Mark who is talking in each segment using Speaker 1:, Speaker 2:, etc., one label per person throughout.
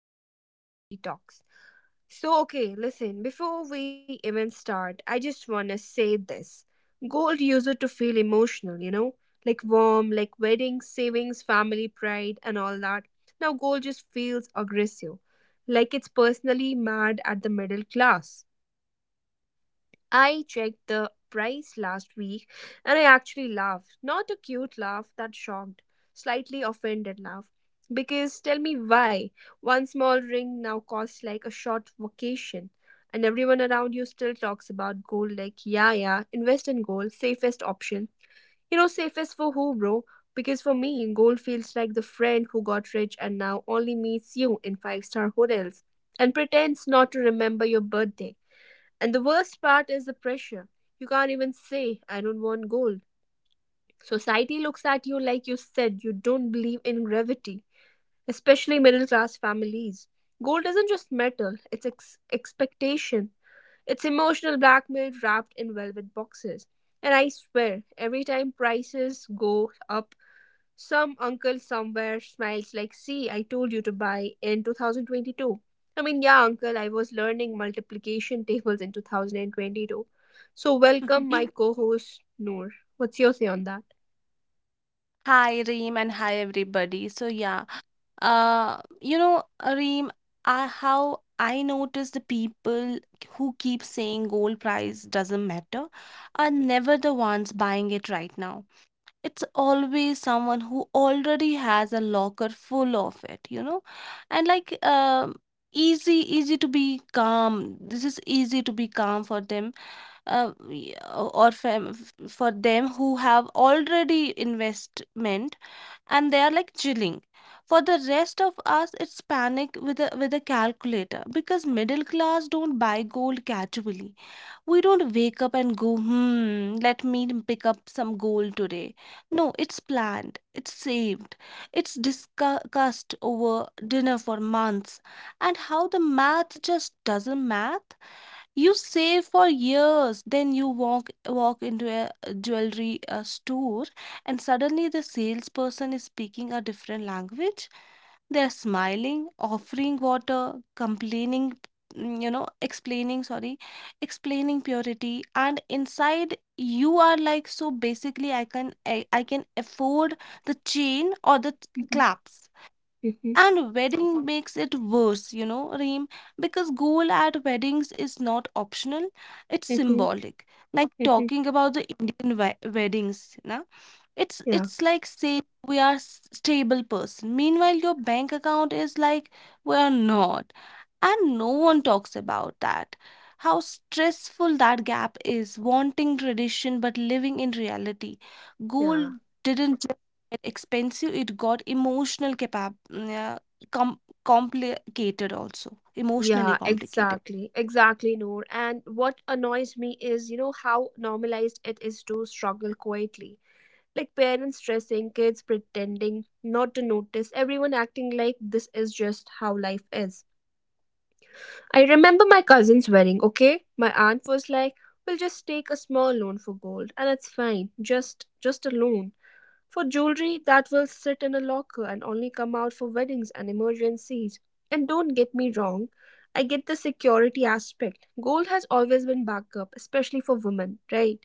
Speaker 1: to the Pink Theory Talks. Listen, before we even start, I just wanna say this. Gold user to feel emotional, like warm, like wedding, savings, family pride, and all that. Now, gold just feels aggressive, like it's personally mad at the middle class. I checked the price last week and I actually laughed. Not a cute laugh, that shocked, slightly offended laugh. Because tell me why one small ring now costs like a short vacation, and everyone around you still talks about gold like, yeah, yeah, invest in gold, safest option. You know, safest for who, bro? Because for me, gold feels like the friend who got rich and now only meets you in five-star hotels and pretends not to remember your birthday. And the worst part is the pressure. You can't even say, I don't want gold. Society looks at you like you said you don't believe in gravity, especially middle class families. Gold isn't just metal, it's expectation. It's emotional blackmail wrapped in velvet boxes. And I swear, every time prices go up, some uncle somewhere smiles like, see, I told you to buy in 2022. I mean, yeah, uncle, I was learning multiplication tables in 2022. So, welcome my co host, Noor. What's your say on that?
Speaker 2: Hi Reem and hi everybody. Reem, how I notice, the people who keep saying gold price doesn't matter are never the ones buying it right now. It's always someone who already has a locker full of it, and easy to be calm. This is easy to be calm for them uh, y- or fam- for them who have already investment, and they are like chilling. For the rest of us, it's panic with a calculator, because middle class don't buy gold casually. We don't wake up and go, hmm, let me pick up some gold today. No, it's planned, it's saved, it's discussed over dinner for months. And how the math just doesn't math. You save for years, then you walk into a jewelry store, and suddenly the salesperson is speaking a different language. They're smiling, offering water, complaining, explaining, sorry, explaining purity, and inside you are like, so basically, I can afford the chain or the
Speaker 1: Mhm,
Speaker 2: claps.
Speaker 1: mhm,
Speaker 2: And wedding makes it worse, you know, Reem, because goal at weddings is not optional, it's
Speaker 1: mhm,
Speaker 2: symbolic. Like,
Speaker 1: mhm.
Speaker 2: talking about the Indian weddings, na? it's
Speaker 1: Yeah,
Speaker 2: it's like saying we are stable person, meanwhile your bank account is like we are not. And no one talks about that, how stressful that gap is, wanting tradition but living in reality.
Speaker 1: yeah,
Speaker 2: Gold didn't just get expensive, it got emotional complicated, also emotionally
Speaker 1: yeah,
Speaker 2: complicated.
Speaker 1: exactly, exactly, Noor. And what annoys me is, you know, how normalized it is to struggle quietly. Like parents stressing, kids pretending not to notice, everyone acting like this is just how life is. I remember my cousin's wedding, okay? My aunt was like, we'll just take a small loan for gold and it's fine. Just a loan. For jewelry that will sit in a locker and only come out for weddings and emergencies. And don't get me wrong, I get the security aspect. Gold has always been backup, especially for women, right?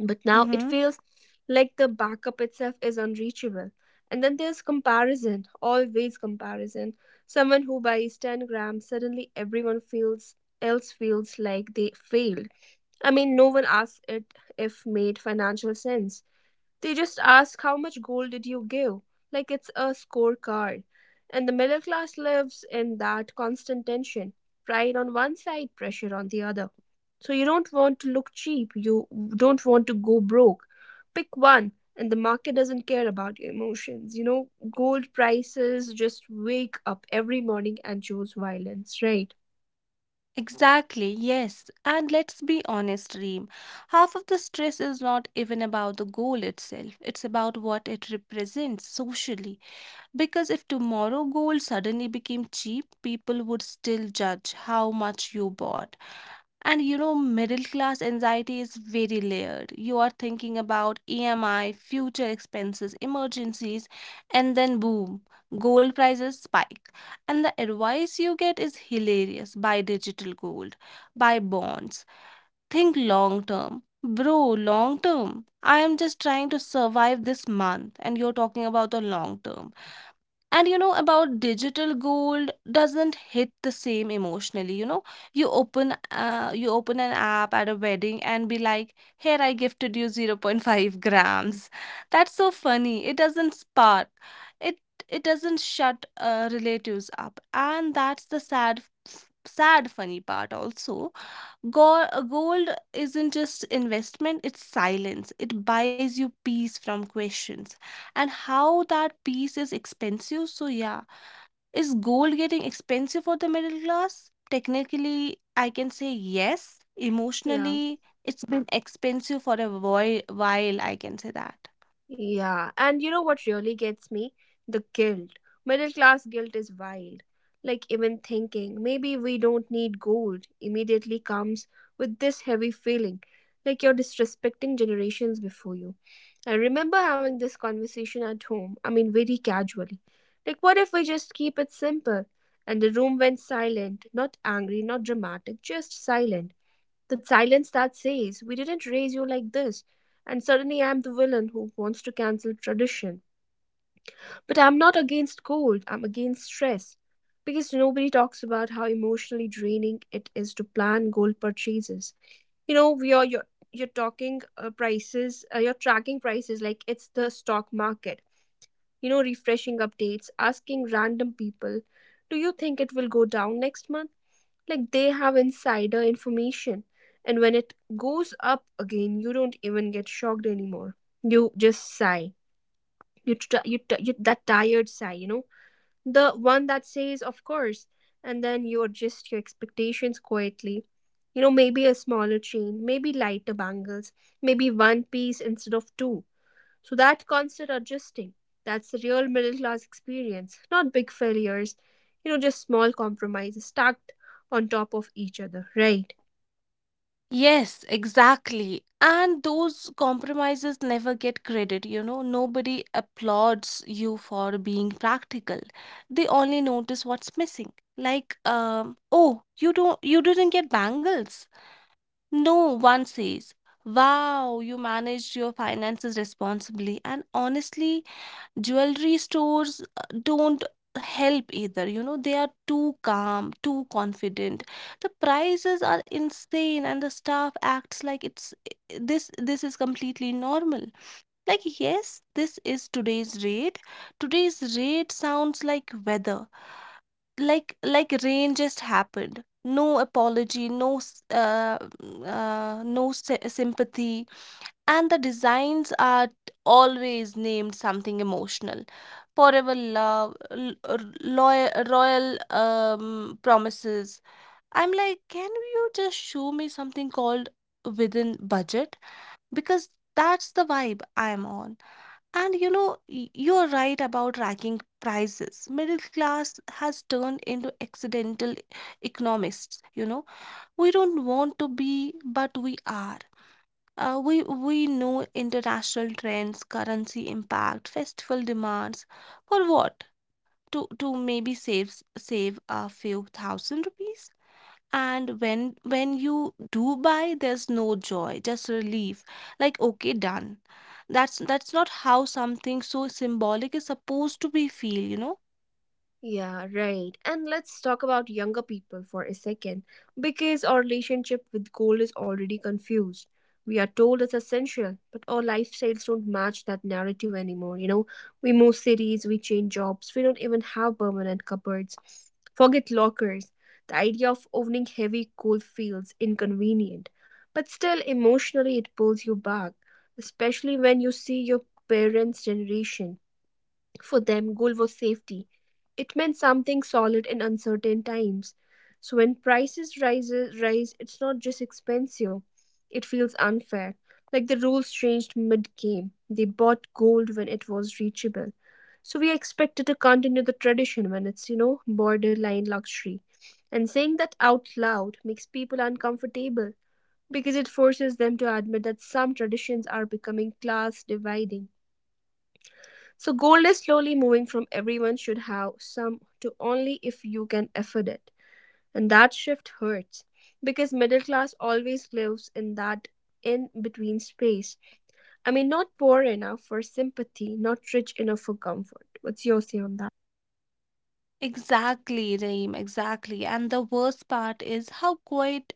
Speaker 1: But now
Speaker 2: Mm-hmm.
Speaker 1: it feels like the backup itself is unreachable. And then there's comparison, always comparison. Someone who buys 10 grams, suddenly everyone feels else feels like they failed. I mean, no one asks it if made financial sense. They just ask, how much gold did you give, like it's a scorecard. And the middle class lives in that constant tension, pride on one side, pressure on the other. So you don't want to look cheap, you don't want to go broke. Pick one, and the market doesn't care about your emotions. You know, gold prices just wake up every morning and choose violence, right?
Speaker 2: Exactly, yes. And let's be honest, Reem. Half of the stress is not even about the goal itself, it's about what it represents socially. Because if tomorrow gold suddenly became cheap, people would still judge how much you bought. And you know, middle class anxiety is very layered. You are thinking about EMI, future expenses, emergencies, and then boom, gold prices spike. And the advice you get is hilarious: buy digital gold, buy bonds, think long term. Bro, long term. I am just trying to survive this month, and you're talking about the long term. And you know, about digital gold, doesn't hit the same emotionally, you know. You open you open an app at a wedding and be like, here, I gifted you zero point 0.5 grams. That's so funny, it doesn't spark. It it doesn't shut relatives up, and that's the sad, funny part also. Gold isn't just investment, it's silence. It buys you peace from questions, and how that piece is expensive. So yeah, is gold getting expensive for the middle class? Technically, I can say yes.
Speaker 1: Yeah.
Speaker 2: Emotionally, it's been expensive for a while, I can say that.
Speaker 1: Yeah, and you know what really gets me? The guilt. Middle class guilt is wild. Like, even thinking maybe we don't need gold immediately comes with this heavy feeling, like you're disrespecting generations before you. I remember having this conversation at home, I mean, very casually. Like, what if we just keep it simple? And the room went silent, not angry, not dramatic, just silent. That silence that says, we didn't raise you like this. And suddenly I'm the villain who wants to cancel tradition. But I'm not against cold, I'm against stress. Because nobody talks about how emotionally draining it is to plan gold purchases. You know, we are, you're, you're talking prices, you're tracking prices like it's the stock market. You know, refreshing updates, asking random people, do you think it will go down next month? Like they have insider information. And when it goes up again, you don't even get shocked anymore, you just sigh. You that tired sigh, you know, the one that says, of course. And then you adjust your expectations quietly. You know, maybe a smaller chain, maybe lighter bangles, maybe one piece instead of two. So that constant adjusting, that's the real middle class experience, not big failures, you know, just small compromises stacked on top of each other, right?
Speaker 2: Yes, exactly. And those compromises never get credit, you know. Nobody applauds you for being practical. They only notice what's missing. Like, oh, you didn't get bangles. No one says, wow, you managed your finances responsibly. And honestly, jewelry stores don't help either. You know, they are too calm, too confident. The prices are insane, and the staff acts like this is completely normal. Like, yes, this is today's rate. Today's rate sounds like weather, like rain just happened. No apology, no sympathy. And the designs are always named something emotional: forever love, loyal, royal, promises. I'm like, can you just show me something called within budget, because that's the vibe I'm on. And you know, you're right about racking prices. Middle class has turned into accidental economists. You know, we don't want to be, but we are. We know international trends, currency impact, festival demands. For what? To maybe save a few thousand rupees. And when you do buy, there's no joy, just relief. Like, okay, done. That's not how something so symbolic is supposed to be feel, you know.
Speaker 1: Yeah, right. And let's talk about younger people for a second, because our relationship with goal is already confused. We are told it's essential, but our lifestyles don't match that narrative anymore. You know, we move cities, we change jobs, we don't even have permanent cupboards. Forget lockers. The idea of owning heavy gold feels inconvenient, but still emotionally it pulls you back, especially when you see your parents' generation. For them, goal was safety. It meant something solid in uncertain times. So when rise, it's not just expensive. It feels unfair. Like the rules changed mid-game. They bought gold when it was reachable. So we are expected to continue the tradition when it's, you know, borderline luxury. And saying that out loud makes people uncomfortable, because it forces them to admit that some traditions are becoming class dividing. So gold is slowly moving from, everyone should have some, to, only if you can afford it. And that shift hurts because middle class always lives in that in between space. I mean, not poor enough for sympathy, not rich enough for comfort. What's your say on that?
Speaker 2: Exactly, Raheem, exactly. And the worst part is how quiet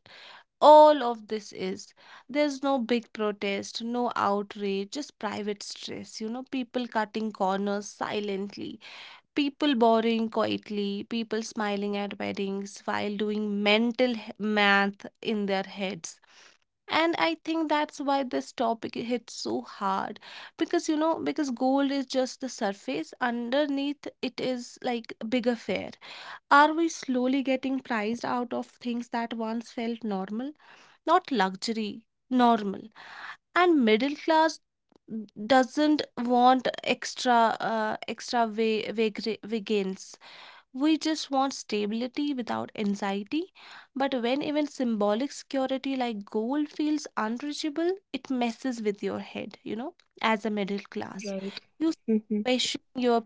Speaker 2: all of this is. There's no big protest, no outrage, just private stress, you know, people cutting corners silently. People boring quietly, people smiling at weddings while doing mental math in their heads. And I think that's why this topic hits so hard, because you know, because gold is just the surface, underneath it is like a big affair. Are we slowly getting priced out of things that once felt normal? Not luxury, normal. And middle class doesn't want extra extra vegans, we just want stability without anxiety. But when even symbolic security like gold feels unreachable, it messes with your head, you know, as a middle class.
Speaker 1: Right.
Speaker 2: You start questioning your,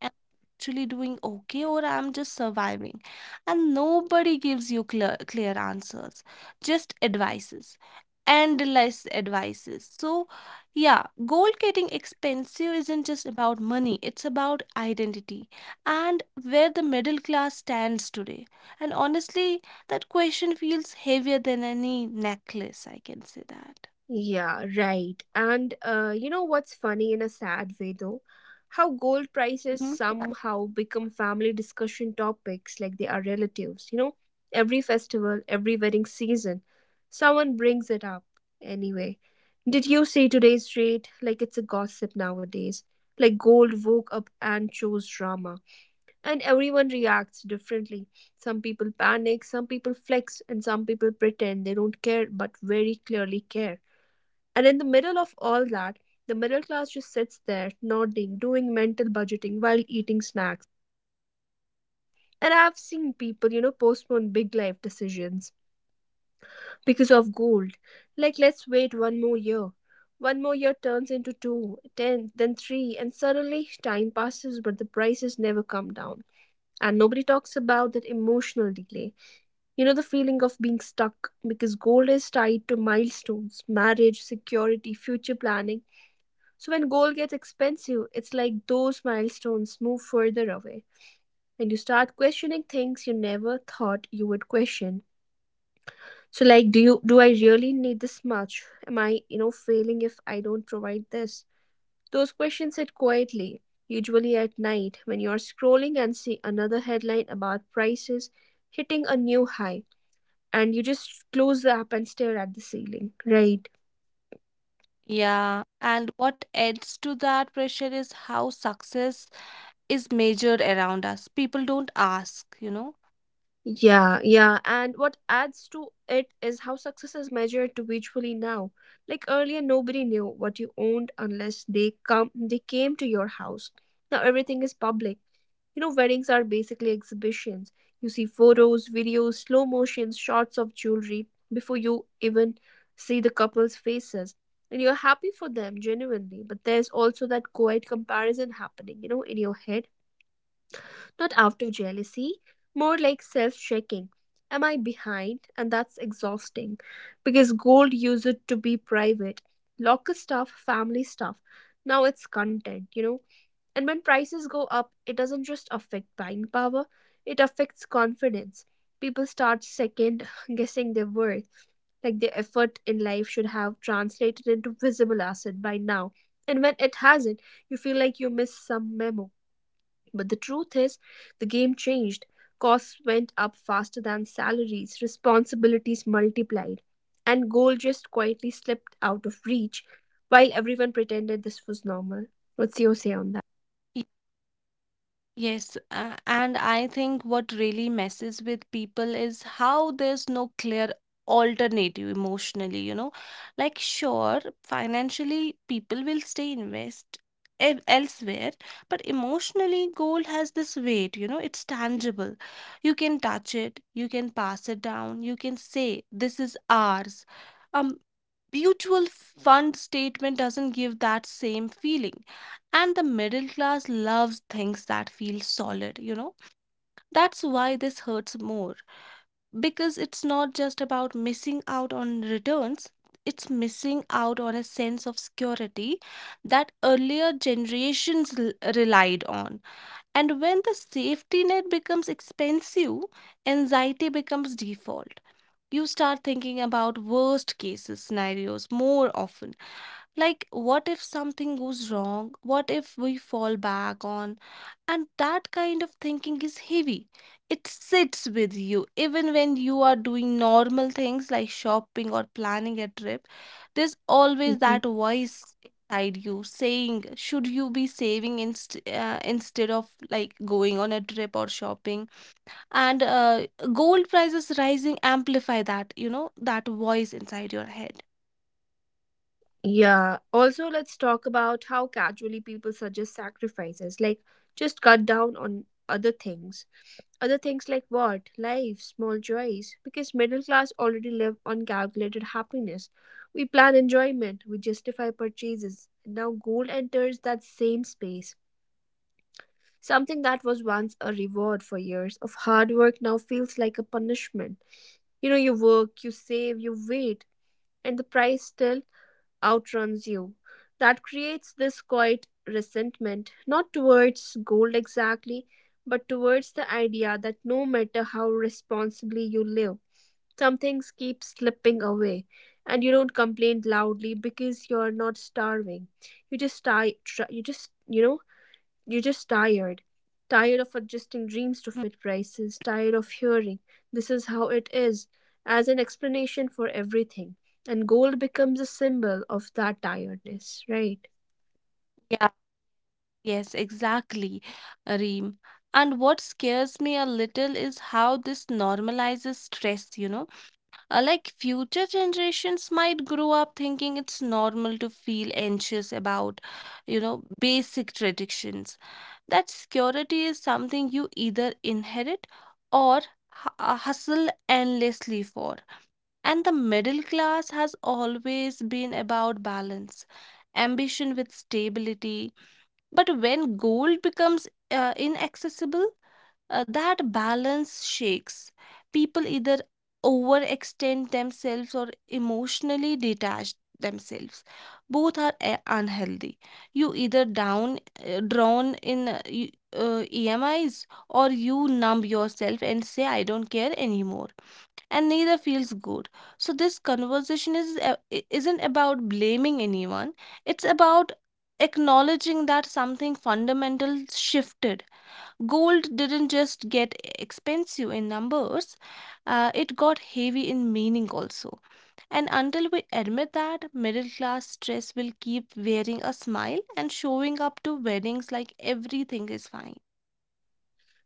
Speaker 2: am I actually doing okay, or I'm just surviving? And nobody gives you clear answers, just advices, endless advices. So yeah, gold getting expensive isn't just about money, it's about identity and where the middle class stands today. And honestly, that question feels heavier than any necklace, I can say that.
Speaker 1: Yeah, right. And you know what's funny in a sad way though? How gold prices somehow become family discussion topics, like they are relatives. You know, every festival, every wedding season, someone brings it up. Anyway, did you see today's rate? Like it's a gossip nowadays. Like gold woke up and chose drama. And everyone reacts differently. Some people panic, some people flex, and some people pretend they don't care but very clearly care. And in the middle of all that, the middle class just sits there, nodding, doing mental budgeting while eating snacks. And I've seen people, you know, postpone big life decisions because of gold. Like, let's wait one more year. One more year turns into two, ten, then three, and suddenly time passes, but the prices never come down. And nobody talks about that emotional delay. You know, the feeling of being stuck because gold is tied to milestones, marriage, security, future planning. So when goal gets expensive, it's like those milestones move further away, and you start questioning things you never thought you would question. So like, do I really need this much? Am I, you know, failing if I don't provide this? Those questions hit quietly, usually at night when you are scrolling and see another headline about prices hitting a new high, and you just close the app and stare at the ceiling, right?
Speaker 2: Yeah, and what adds to that pressure is how success is measured around us. People don't ask, you know.
Speaker 1: Yeah, yeah. And what adds to it is how success is measured to visually now. Like earlier, nobody knew what you owned unless they came to your house. Now everything is public. You know, weddings are basically exhibitions. You see photos, videos, slow motions, shots of jewelry before you even see the couple's faces. And you're happy for them genuinely, but there's also that quiet comparison happening, you know, in your head, not out of jealousy, more like self checking. Am I behind? And that's exhausting, because gold used it to be private, locker stuff, family stuff. Now it's content, you know. And when prices go up, it doesn't just affect buying power, it affects confidence. People start second guessing their worth, like their effort in life should have translated into visible asset by now. And when it hasn't, you feel like you missed some memo. But the truth is, the game changed. Costs went up faster than salaries, responsibilities multiplied, and goal just quietly slipped out of reach while everyone pretended this was normal. What's your say on that?
Speaker 2: Yes, and I think what really messes with people is how there's no clear alternative emotionally, you know. Like, sure, financially, people will stay invest elsewhere, but emotionally, gold has this weight, you know, it's tangible. You can touch it, you can pass it down, you can say, this is ours. Um, Mutual fund statement doesn't give that same feeling. And the middle class loves things that feel solid, you know. That's why this hurts more, because it's not just about missing out on returns, it's missing out on a sense of security that earlier generations relied on. And when the safety net becomes expensive, anxiety becomes default. You start thinking about worst cases scenarios more often. Like, what if something goes wrong? What if we fall back on? And that kind of thinking is heavy. It sits with you. Even when you are doing normal things like shopping or planning a trip, there's always that
Speaker 1: Hmm.
Speaker 2: voice inside you saying, should you be saving instead of like going on a trip or shopping? And Gold prices rising amplify that, you know, that voice inside your head.
Speaker 1: Yeah. Also, let's talk about how casually people suggest sacrifices, like, just cut down on other things. Other things like what? Life, small joys. Because middle class already live on calculated happiness. We plan enjoyment, we justify purchases. Now gold enters that same space. Something that was once a reward for years of hard work now feels like a punishment. You know, you work, you save, you wait, and the price still outruns you. That creates this quiet resentment, not towards gold exactly, but towards the idea that no matter how responsibly you live, some things keep slipping away. And you don't complain loudly because you're not starving. You just try, try you just, you know, you're just tired. Tired of adjusting dreams to
Speaker 2: Hmm,
Speaker 1: fit prices, tired of hearing, this is how it is, as an explanation for everything. And gold becomes a symbol of that tiredness, right?
Speaker 2: yeah. Yes, exactly, Reem. And what scares me a little is how this normalizes stress, you know. Like future generations might grow up thinking it's normal to feel anxious about, you know, basic traditions. That security is something you either inherit or hustle endlessly for. And the middle class has always been about balance, ambition with stability. But when gold becomes inaccessible, that balance shakes. People either overextend themselves or emotionally detach themselves. Both are unhealthy. You either down drown in EMIs, or you numb yourself and say, I don't care anymore. And neither feels good. So this conversation isn't about blaming anyone, it's about acknowledging that something fundamental shifted. Gold didn't just get expensive in numbers, it got heavy in meaning also. And until we admit that, middle class stress will keep wearing a smile and showing up to weddings like everything is fine.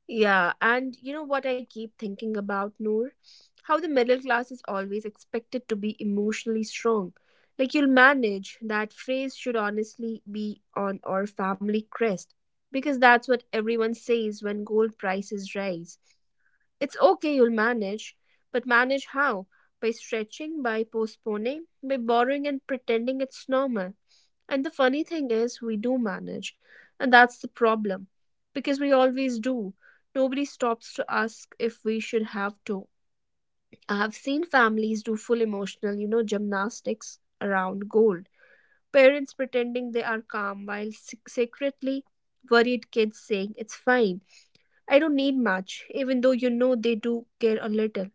Speaker 1: Yeah, and you know what I keep thinking about, Noor? How the middle class is always expected to be emotionally strong. Like, you'll manage, that phrase should honestly be on our family crest, because that's what everyone says when gold prices rise. It's okay, you'll manage. But manage how? By stretching, by postponing, by borrowing and pretending it's normal. And the funny thing is, we do manage. And that's the problem. Because we always do. Nobody stops to ask if we should have to. I have seen families do full emotional, gymnastics around gold. Parents pretending they are calm while secretly worried, kids saying, "It's fine. I don't need much," even though they do care a little.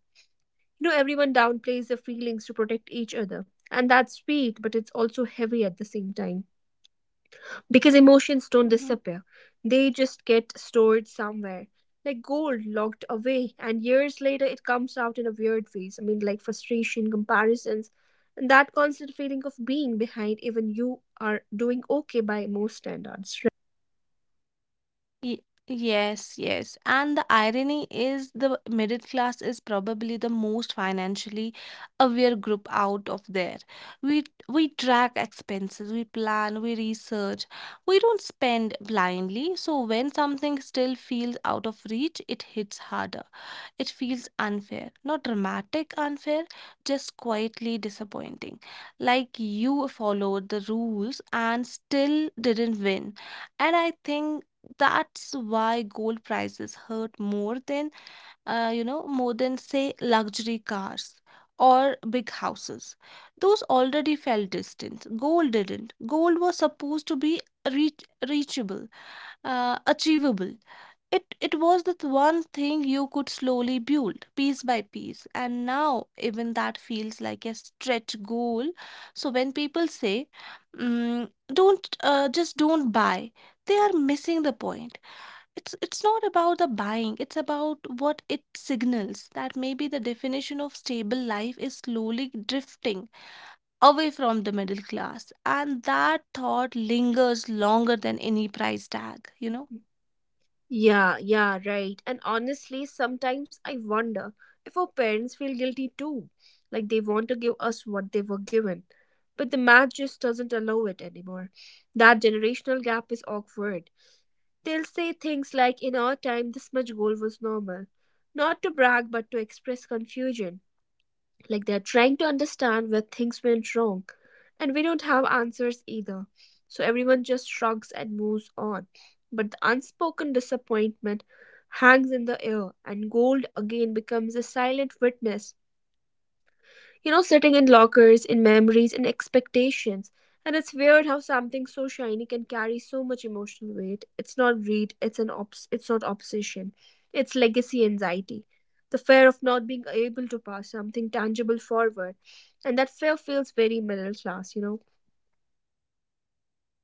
Speaker 1: You know, everyone downplays their feelings to protect each other. And that's sweet, but it's also heavy at the same time. Because emotions don't
Speaker 2: Mm-hmm.
Speaker 1: disappear, they just get stored somewhere. Like gold locked away, and years later it comes out in a weird ways. Like frustration, comparisons, and that constant feeling of being behind, even you are doing okay by most standards, right?
Speaker 2: Y- Yes, yes. And the irony is the middle class is probably the most financially aware group out of there. We track expenses, we plan, we research. We don't spend blindly, so when something still feels out of reach, it hits harder. It feels unfair, not dramatic unfair, just quietly disappointing. Like you followed the rules and still didn't win. And I think that's why gold prices hurt more than more than, say, luxury cars or big houses. Those already felt distant. Gold didn't. Gold was supposed to be reach, reachable, achievable. It was the one thing you could slowly build piece by piece, and now even that feels like a stretch goal. So when people say, "Don't just don't buy," they are missing the point. It's not about the buying, it's about what it signals, that maybe the definition of stable life is slowly drifting away from the middle class. And that thought lingers longer than any price tag, you know.
Speaker 1: Yeah, yeah, right. And honestly, sometimes I wonder if our parents feel guilty too. Like they want to give us what they were given. But the math just doesn't allow it anymore. That generational gap is awkward. They'll say things like, "In our time, this much gold was normal." Not to brag, but to express confusion. Like they're trying to understand where things went wrong. And we don't have answers either. So everyone just shrugs and moves on. But the unspoken disappointment hangs in the air, and gold again becomes a silent witness. You know, sitting in lockers, in memories, in expectations. And it's weird how something so shiny can carry so much emotional weight. It's not greed, it's not obsession. It's legacy anxiety. The fear of not being able to pass something tangible forward. And that fear feels very middle class, you know.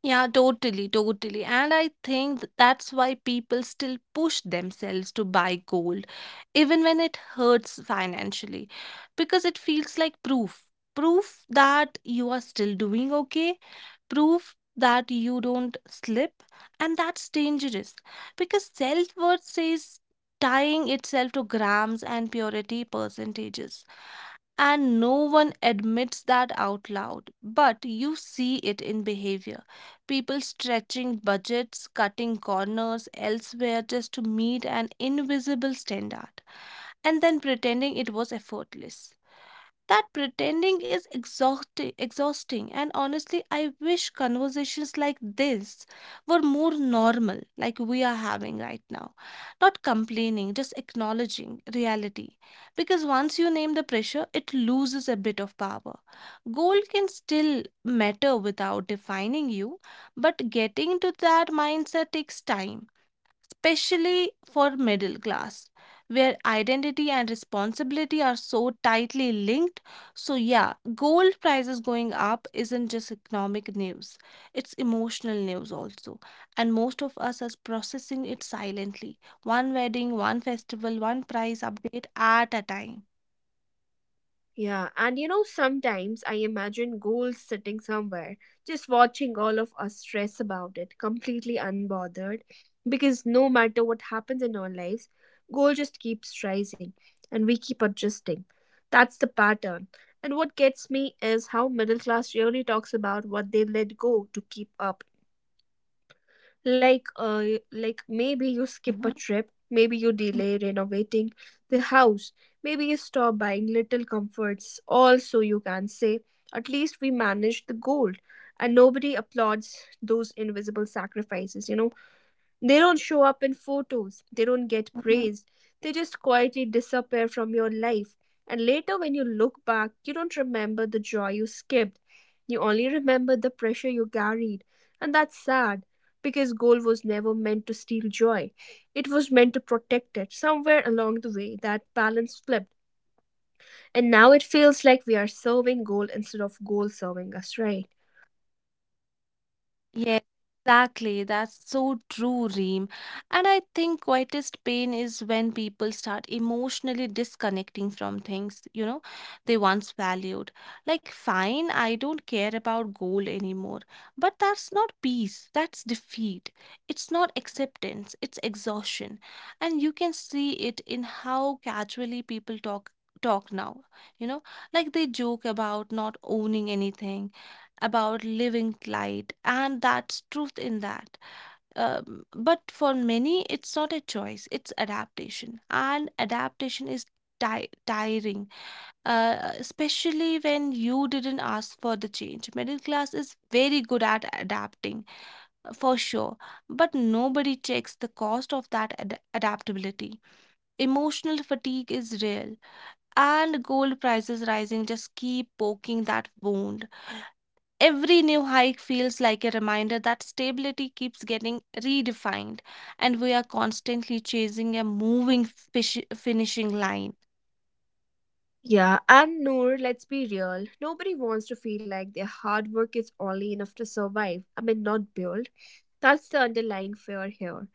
Speaker 2: Yeah, totally, totally. And I think that's why people still push themselves to buy gold, even when it hurts financially, because it feels like proof. Proof that you are still doing okay, proof that you don't slip, and that's dangerous, because self worth says tying itself to grams and purity percentages. And no one admits that out loud, but you see it in behavior. People stretching budgets, cutting corners elsewhere just to meet an invisible standard, and then pretending it was effortless. That pretending is exhausting, and honestly, I wish conversations like this were more normal, like we are having right now. Not complaining, just acknowledging reality. Because once you name the pressure, it loses a bit of power. Goal can still matter without defining you, but getting to that mindset takes time, especially for middle class, where identity and responsibility are so tightly linked. So, yeah, gold prices going up isn't just economic news, it's emotional news also. And most of us are processing it silently, one wedding, one festival, one price update at a time.
Speaker 1: Yeah, and you know, sometimes I imagine gold sitting somewhere, just watching all of us stress about it, completely unbothered, because no matter what happens in our lives, gold just keeps rising and we keep adjusting. That's the pattern. And what gets me is how middle class really talks about what they let go to keep up. like uh, like maybe you skip a trip, maybe you delay renovating the house, maybe you stop buying little comforts. Also you can say, "At least we managed the goal," and nobody applauds those invisible sacrifices, you know. They don't show up in photos, they
Speaker 2: Mhm.
Speaker 1: don't get praised, they just quietly disappear from your life. And later, when you look back, you don't remember the joy you skipped. You only remember the pressure you carried. And that's sad because goal was never meant to steal joy, it was meant to protect it. Somewhere along the way, that balance flipped. And now it feels like we are serving goal instead of goal serving us, right?
Speaker 2: Yes, exactly. That's so true, Reem. And I think quietest pain is when people start emotionally disconnecting from things, they once valued. Like, fine, I don't care about gold anymore. But that's not peace, that's defeat. It's not acceptance, it's exhaustion. And you can see it in how casually people talk now, you know like they joke about not owning anything, about living light, and that's truth in that. But for many, it's not a choice, it's adaptation, and adaptation is ti tiring, especially when you didn't ask for the change. Middle class is very good at adapting, for sure, but nobody checks the cost of that adaptability. Emotional fatigue is real, and gold prices rising just keep poking that wound. Every new hike feels like a reminder that stability keeps getting redefined, and we are constantly chasing a moving finishing line.
Speaker 1: Yeah, and Noor, let's be real. Nobody wants to feel like their hard work is only enough to survive. Not build. That's the underlying fear here.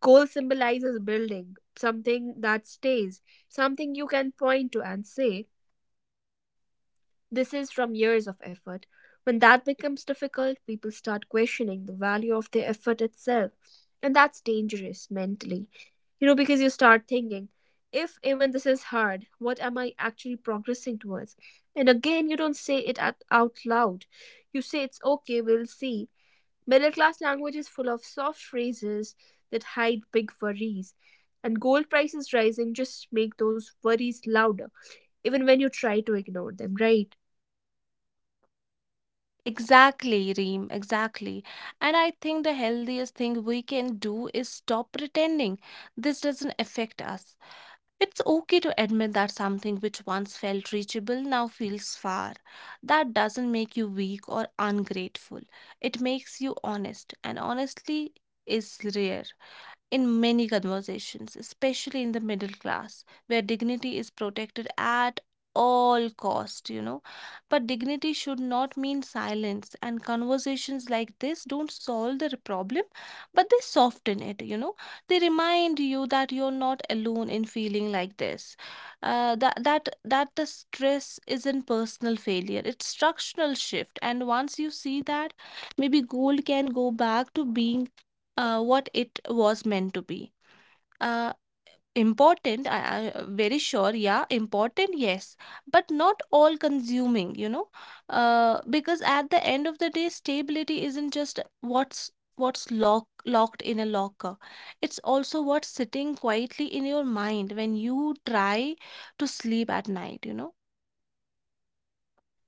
Speaker 1: Goal symbolizes building, something that stays, something you can point to and say, "This is from years of effort." When that becomes difficult, people start questioning the value of their effort itself. And that's dangerous mentally, you know, because you start thinking, if even this is hard, what am I actually progressing towards? And again, you don't say it out loud. You say, "It's okay, we'll see." Middle class language is full of soft phrases that hide big worries. And gold prices rising just make those worries louder, even when you try to ignore them, right?
Speaker 2: Exactly, Reem, exactly. And I think the healthiest thing we can do is stop pretending this doesn't affect us. It's okay to admit that something which once felt reachable now feels far. That doesn't make you weak or ungrateful. It makes you honest, and honestly is rare in many conversations, especially in the middle class, where dignity is protected at all cost, but dignity should not mean silence, and conversations like this don't solve the problem but they soften it, they remind you that you're not alone in feeling like this, that the stress isn't personal failure, it's structural shift. And once you see that, maybe gold can go back to being what it was meant to be. Uh, Important, I very sure, yeah, important, yes, but not all consuming, because at the end of the day, stability isn't just what's locked in a locker. It's also what's sitting quietly in your mind when you try to sleep at night, you know.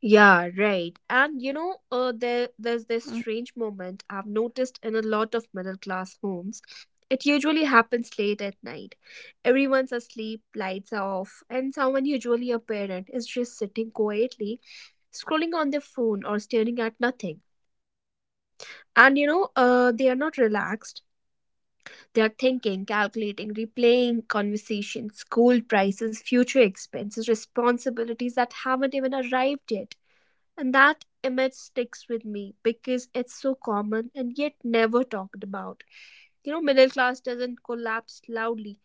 Speaker 1: Yeah, right. And you know, there's this strange moment I've noticed in a lot of middle class homes. It usually happens late at night. Everyone's asleep, lights are off, and someone, usually a parent, is just sitting quietly, scrolling on their phone or staring at nothing. And you know, they are not relaxed. They are thinking, calculating, replaying conversations, school prices, future expenses, responsibilities that haven't even arrived yet. And that image sticks with me because it's so common and yet never talked about. You know, middle class doesn't collapse loudly,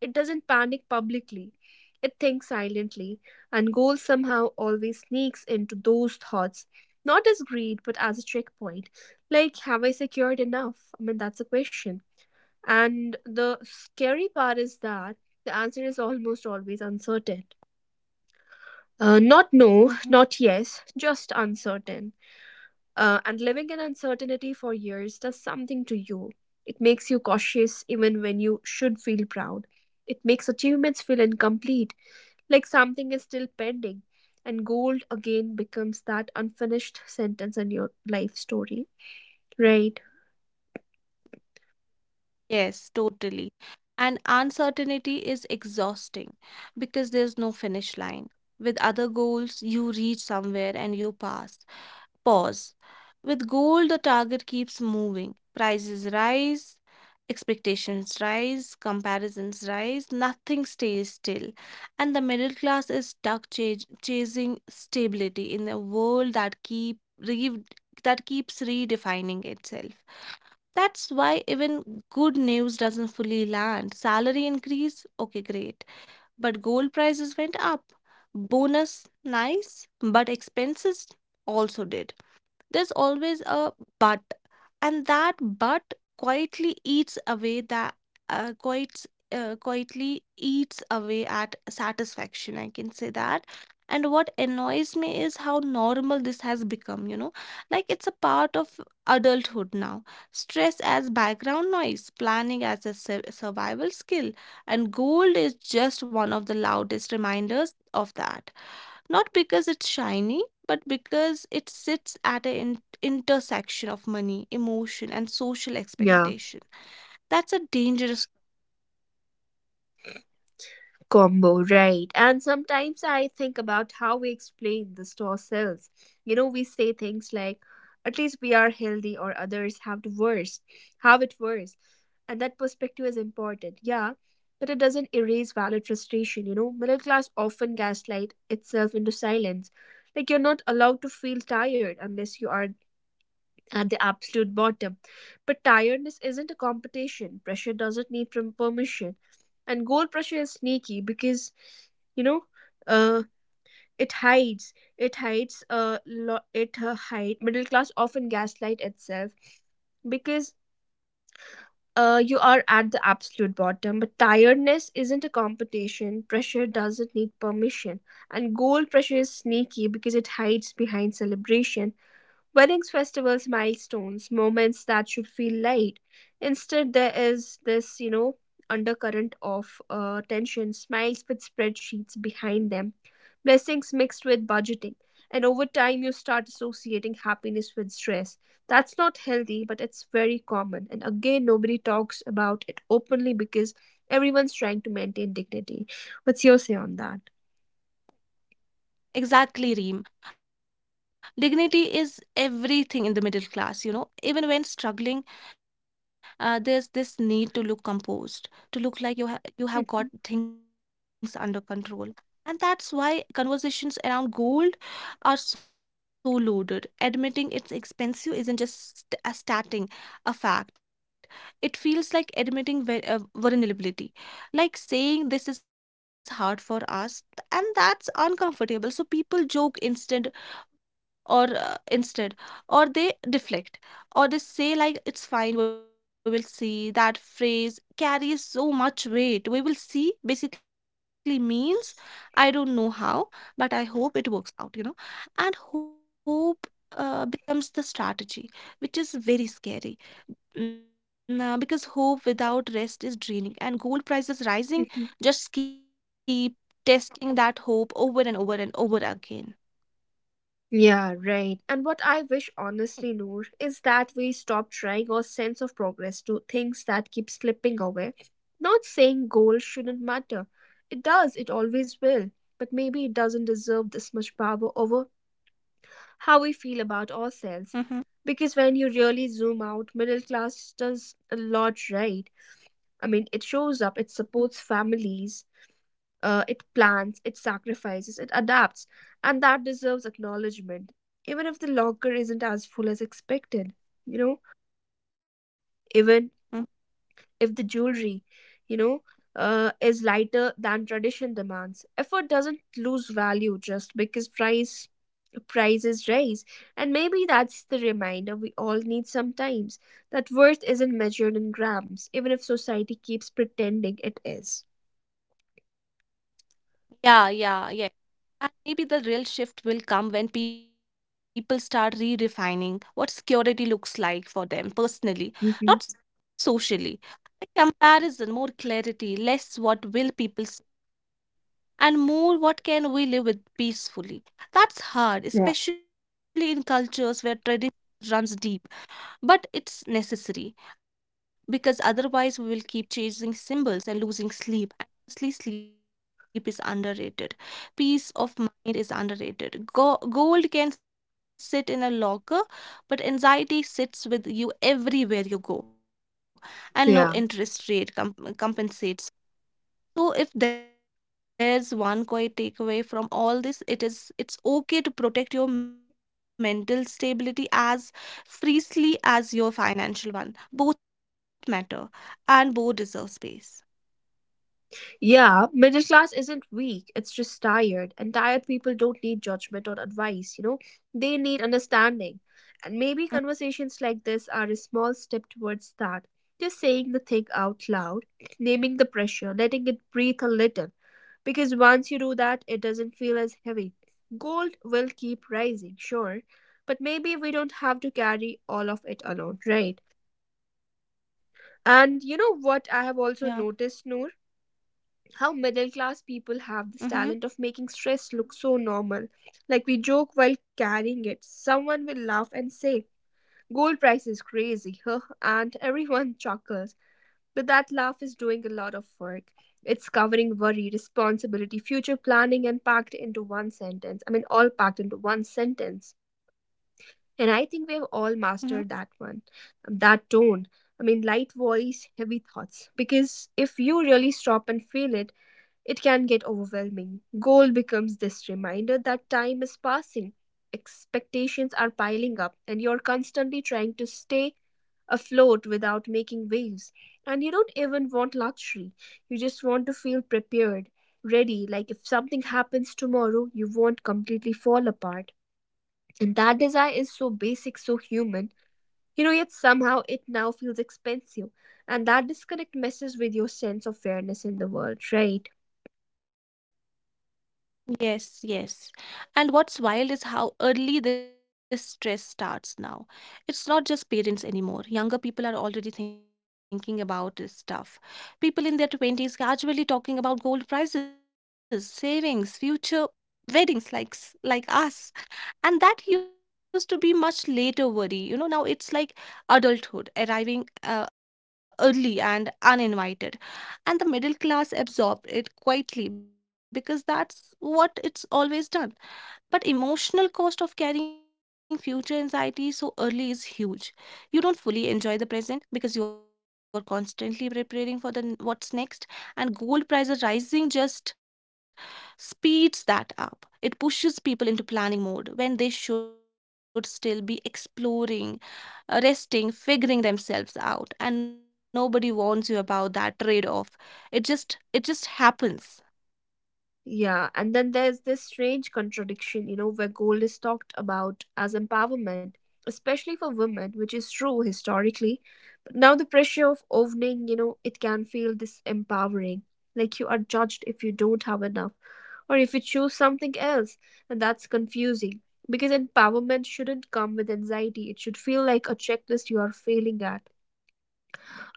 Speaker 1: it doesn't panic publicly, it thinks silently, and gold somehow always sneaks into those thoughts, not as greed but as a checkpoint. Like, have I secured enough? That's a question. And the scary part is that the answer is almost always uncertain. Not no,
Speaker 2: Mm-hmm.
Speaker 1: not yes, just uncertain. And living in uncertainty for years does something to you. It makes you cautious even when you should feel proud. It makes achievements feel incomplete, like something is still pending. And gold again becomes that unfinished sentence in your life story, right?
Speaker 2: Yes, totally. And uncertainty is exhausting because there's no finish line. With other goals, you reach somewhere and you pass. Pause. With goal, the target keeps moving. Prices rise, expectations rise, comparisons rise, nothing stays still. And the middle class is stuck chasing stability in a world that that keeps redefining itself. That's why even good news doesn't fully land. Salary increase, okay, great. But gold prices went up. Bonus, nice, but expenses also did. There's always a but, and that but quietly eats away that quite quietly eats away at satisfaction, I can say that. And what annoys me is how normal this has become, like it's a part of adulthood now. Stress as background noise, planning as a survival skill, and gold is just one of the loudest reminders of that, not because it's shiny, but because it sits at an intersection of money, emotion, and social
Speaker 1: Yeah,
Speaker 2: expectation. That's a dangerous.
Speaker 1: combo, right? And sometimes I think about how we explain this to ourselves, you know. We say things like, "At least we are healthy," or others have the worse have it worse. And that perspective is important, yeah, but it doesn't erase valid frustration. You know, middle class often gaslight itself into silence. Like you're not allowed to feel tired unless you are at the absolute bottom. But tiredness isn't a competition. Pressure doesn't need from permission. And goal pressure is sneaky because, you know, uh, it hides. It hides, lo- it hide. Middle class often gaslight itself because you are at the absolute bottom. But tiredness isn't a competition. Pressure doesn't need permission. And goal pressure is sneaky because it hides behind celebration. Weddings, festivals, milestones, moments that should feel light. Instead, there is this, you know, undercurrent of tension, smiles with spreadsheets behind them, blessings mixed with budgeting. And over time, you start associating happiness with stress. That's not healthy, but it's very common. And again, nobody talks about it openly because everyone's trying to maintain dignity. What's your say on that?
Speaker 2: Exactly, Reem. Dignity is everything in the middle class, you know. Even when struggling, there's this need to look composed, to look like
Speaker 1: Hmm.
Speaker 2: you have got things under control. And that's why conversations around gold are so loaded. Admitting it's expensive isn't just a stating a fact. It feels like admitting vulnerability, like saying this is hard for us, and that's uncomfortable, so people joke instead, or uh, instead or they deflect, or they say like it's fine, we will see. That phrase carries so much weight. We will see basically means I don't know how, but I hope it works out, you know. And hope, becomes the strategy, which is very scary. Nah, because hope without rest is draining, and gold prices
Speaker 1: Mhm.
Speaker 2: rising just keep testing that hope over and over and over again.
Speaker 1: Yeah, right. And what I wish honestly, Noor, is that we stop trying our sense of progress to things that keep slipping away. Not saying goals shouldn't matter. It does, it always will. But maybe it doesn't deserve this much power over how we feel about ourselves.
Speaker 2: Hmm.
Speaker 1: Because when you really zoom out, middle class does a lot right. It shows up, it supports families, it plans, it sacrifices, it adapts, and that deserves acknowledgement, even if the locker isn't as full as expected. You know, even
Speaker 2: Hmm.
Speaker 1: if the jewelry, you know, is lighter than tradition demands, effort doesn't lose value just because prices rise. And maybe that's the reminder we all need sometimes, that worth isn't measured in grams, even if society keeps pretending it is.
Speaker 2: Yeah, yeah, yeah. And maybe the real shift will come when people start redefining what security looks like for them personally,
Speaker 1: Mhm.
Speaker 2: not socially. A comparison, more clarity, less what will people say, and more what can we live with peacefully. That's hard, especially in cultures where tradition runs deep. But it's necessary, because otherwise we will keep chasing symbols and losing sleep. And honestly, sleep is underrated. Peace of mind is underrated. Gold can sit in a locker, but anxiety sits with you everywhere you go, and no
Speaker 1: Yeah.
Speaker 2: interest rate compensates. So if there's one quiet takeaway from all this, it is it's okay to protect your mental stability as freely as your financial one. Both matter, and both deserve space.
Speaker 1: Yeah. Middle class isn't weak, it's just tired. And tired people don't need judgment or advice, you know? They need understanding. And maybe
Speaker 2: Mm.
Speaker 1: conversations like this are a small step towards that. Just saying the thing out loud, naming the pressure, letting it breathe a little. Because once you do that, it doesn't feel as heavy. Gold will keep rising, sure. But maybe we don't have to carry all of it alone, right? And you know what
Speaker 2: Yeah.
Speaker 1: I have also noticed, Noor? How middle class people have this
Speaker 2: Mm-hmm.
Speaker 1: talent of making stress look so normal. Like we joke while carrying it. Someone will laugh and say, "Gold price is crazy, huh?" And everyone chuckles. But that laugh is doing a lot of work. It's covering worry, responsibility, future planning, and packed into one sentence. All packed into one sentence. And I think we have all mastered that
Speaker 2: Mm-hmm.
Speaker 1: one, that tone. Light voice, heavy thoughts. Because if you really stop and feel it, it can get overwhelming. Goal becomes this reminder that time is passing, expectations are piling up, and you're constantly trying to stay afloat without making waves. And you don't even want luxury. You just want to feel prepared, ready, like if something happens tomorrow, you won't completely fall apart. And that desire is so basic, so human, you know, yet somehow it now feels expensive. And that disconnect messes with your sense of fairness in the world, right?
Speaker 2: Yes, yes. And what's wild is how early this stress starts now. It's not just parents anymore. Younger people are already thinking about this stuff. People in their 20s casually talking about gold prices, savings, future weddings like like us. And that used to be much later worry. You know, now it's like adulthood arriving early and uninvited, and the middle class absorbed it quietly because that's what it's always done. But emotional cost of carrying future anxiety so early is huge. You don't fully enjoy the present because you are constantly preparing for the what's next. And gold prices rising just speeds that up. It pushes people into planning mode when they should still be exploring, resting, figuring themselves out, and nobody warns you about that trade off. It just happens.
Speaker 1: Yeah, and then there's this strange contradiction, you know, where gold is talked about as empowerment, especially for women, which is true historically. But now the pressure of owning, you know, it can feel disempowering. Like you are judged if you don't have enough or if you choose something else. And that's confusing because empowerment shouldn't come with anxiety, it should feel like a checklist you are failing at.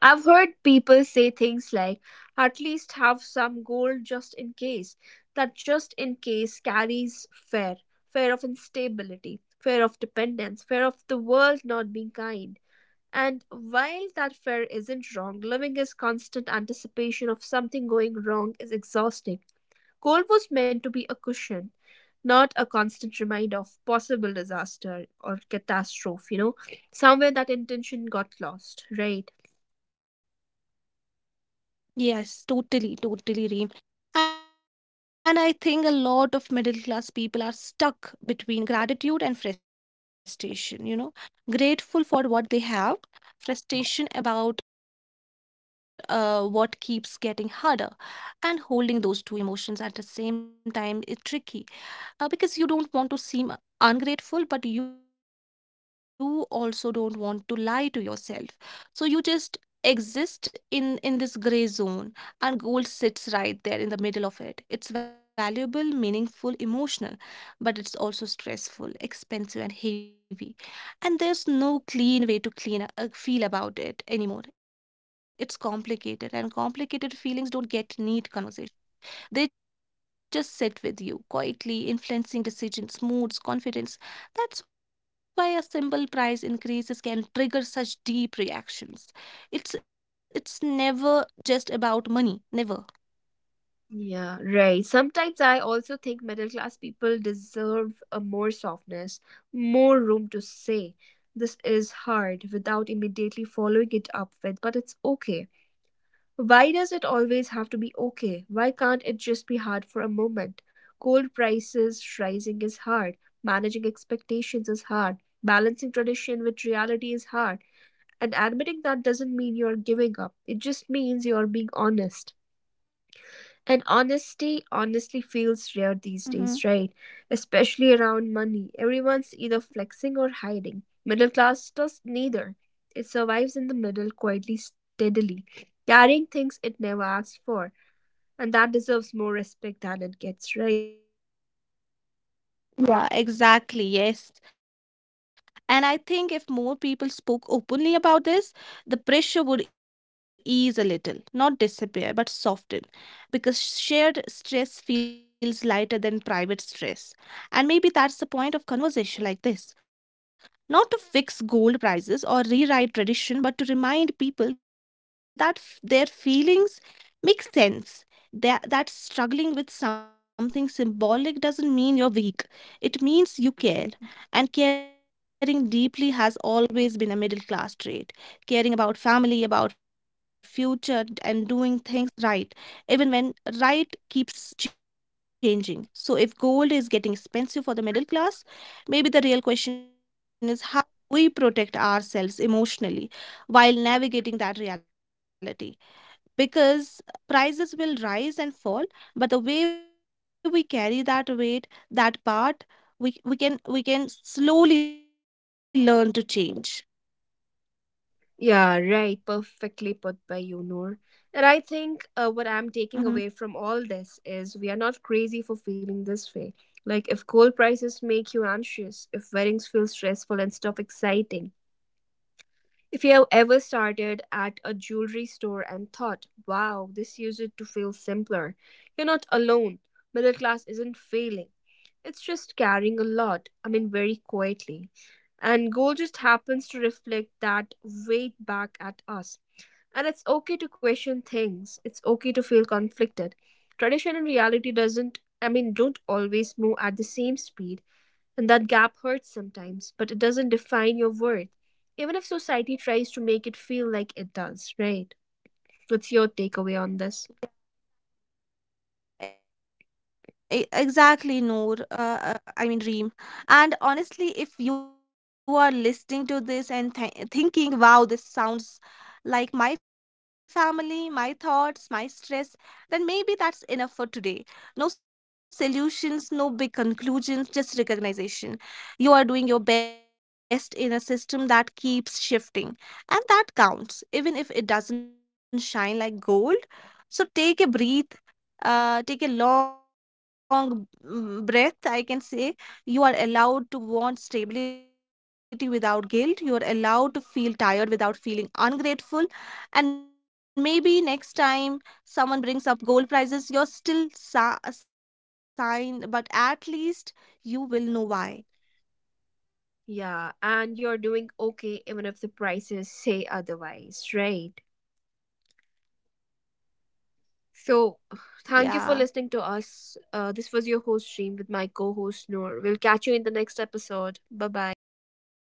Speaker 1: I've heard people say things like, "At least have some gold, just in case." That just in case carries fear, fear of instability, fear of dependence, fear of the world not being kind. And while that fear isn't wrong, living is constant anticipation of something going wrong is exhausting. Gold was meant to be a cushion, not a constant reminder of possible disaster or catastrophe, you know. Somewhere that intention got lost, right?
Speaker 2: Yes, totally, totally, Reem. And I think a lot of middle class people are stuck between gratitude and frustration, you know, grateful for what they have, frustration about what keeps getting harder, and holding those two emotions at the same time is tricky, because you don't want to seem ungrateful but you also don't want to lie to yourself. So you just exist in this gray zone, and gold sits right there in the middle of it. It's valuable, meaningful, emotional, but it's also stressful, expensive, and heavy. And there's no clean way to clean feel about it anymore. It's complicated, and complicated feelings don't get neat conversation. They just sit with you, quietly influencing decisions, moods, confidence. That's why a simple price increases can trigger such deep reactions. It's never just about money, never.
Speaker 1: Yeah, right. Sometimes I also think middle class people deserve a more softness, more room to say, "This is hard," without immediately following it up with, "But it's okay." Why does it always have to be okay? Why can't it just be hard for a moment? Gold prices rising is hard, managing expectations is hard, balancing tradition with reality is hard, and admitting that doesn't mean you're giving up, it just means you're being honest. And honesty honestly
Speaker 2: Mm-hmm.
Speaker 1: feels rare these days, right? Especially around money. Everyone's either flexing or hiding. Middle class does neither. It survives in the middle quietly, steadily, carrying things it never asked for. And that deserves more respect than it gets, right?
Speaker 2: Yeah, exactly. Yes. And I think if more people spoke openly about this, the pressure would ease a little, not disappear, but soften, because shared stress feels lighter than private stress. And maybe that's the point of conversation like this. Not to fix gold prices or rewrite tradition, but to remind people that their feelings make sense. That struggling with something symbolic doesn't mean you're weak, it means you care, and caring deeply has always been a middle class trait. Caring about family, about future, and doing things right, even when right keeps changing. So, if gold is getting expensive for the middle class, maybe the real question is how we protect ourselves emotionally while navigating that reality. Because prices will rise and fall, but the way we carry that weight, that part, we can slowly learn to change.
Speaker 1: Yeah, right. Perfectly put by you, Noor. And I think what I'm
Speaker 2: Mm-hmm.
Speaker 1: taking away from all this is we are not crazy for feeling this way. Like, if gold prices make you anxious, if weddings feel stressful and stuff exciting, if you have ever started at a jewelry store and thought, "Wow, this used it to feel simpler," you're not alone. Middle class isn't failing. It's just carrying a lot, very quietly. And gold just happens to reflect that weight back at us, and it's okay to question things. It's okay to feel conflicted. Tradition and reality doesn't I mean don't always move at the same speed, and that gap hurts sometimes, but it doesn't define your worth. Even if society tries to make it feel like it does, right? What's your takeaway on this?
Speaker 2: Exactly, Noor. I mean, Reem. And honestly, if you are listening to this and thinking, wow, this sounds like my family, my thoughts, my stress, then maybe that's enough for today. No solutions, no big conclusions, just recognition. You are doing your best in a system that keeps shifting. And that counts, even if it doesn't shine like gold. So take a breath, take a long, breath, I can say. You are allowed to want stability without guilt. You are allowed to feel tired without feeling ungrateful. And maybe next time someone brings up gold prices, you're still signed, but at least you will know why.
Speaker 1: Yeah, and you're doing okay even if the prices say otherwise, right? So,
Speaker 2: Yeah.
Speaker 1: thank you for listening to us. This was your host, Stream, with my co host, Noor. We'll catch you in the next episode. Bye bye. Take care.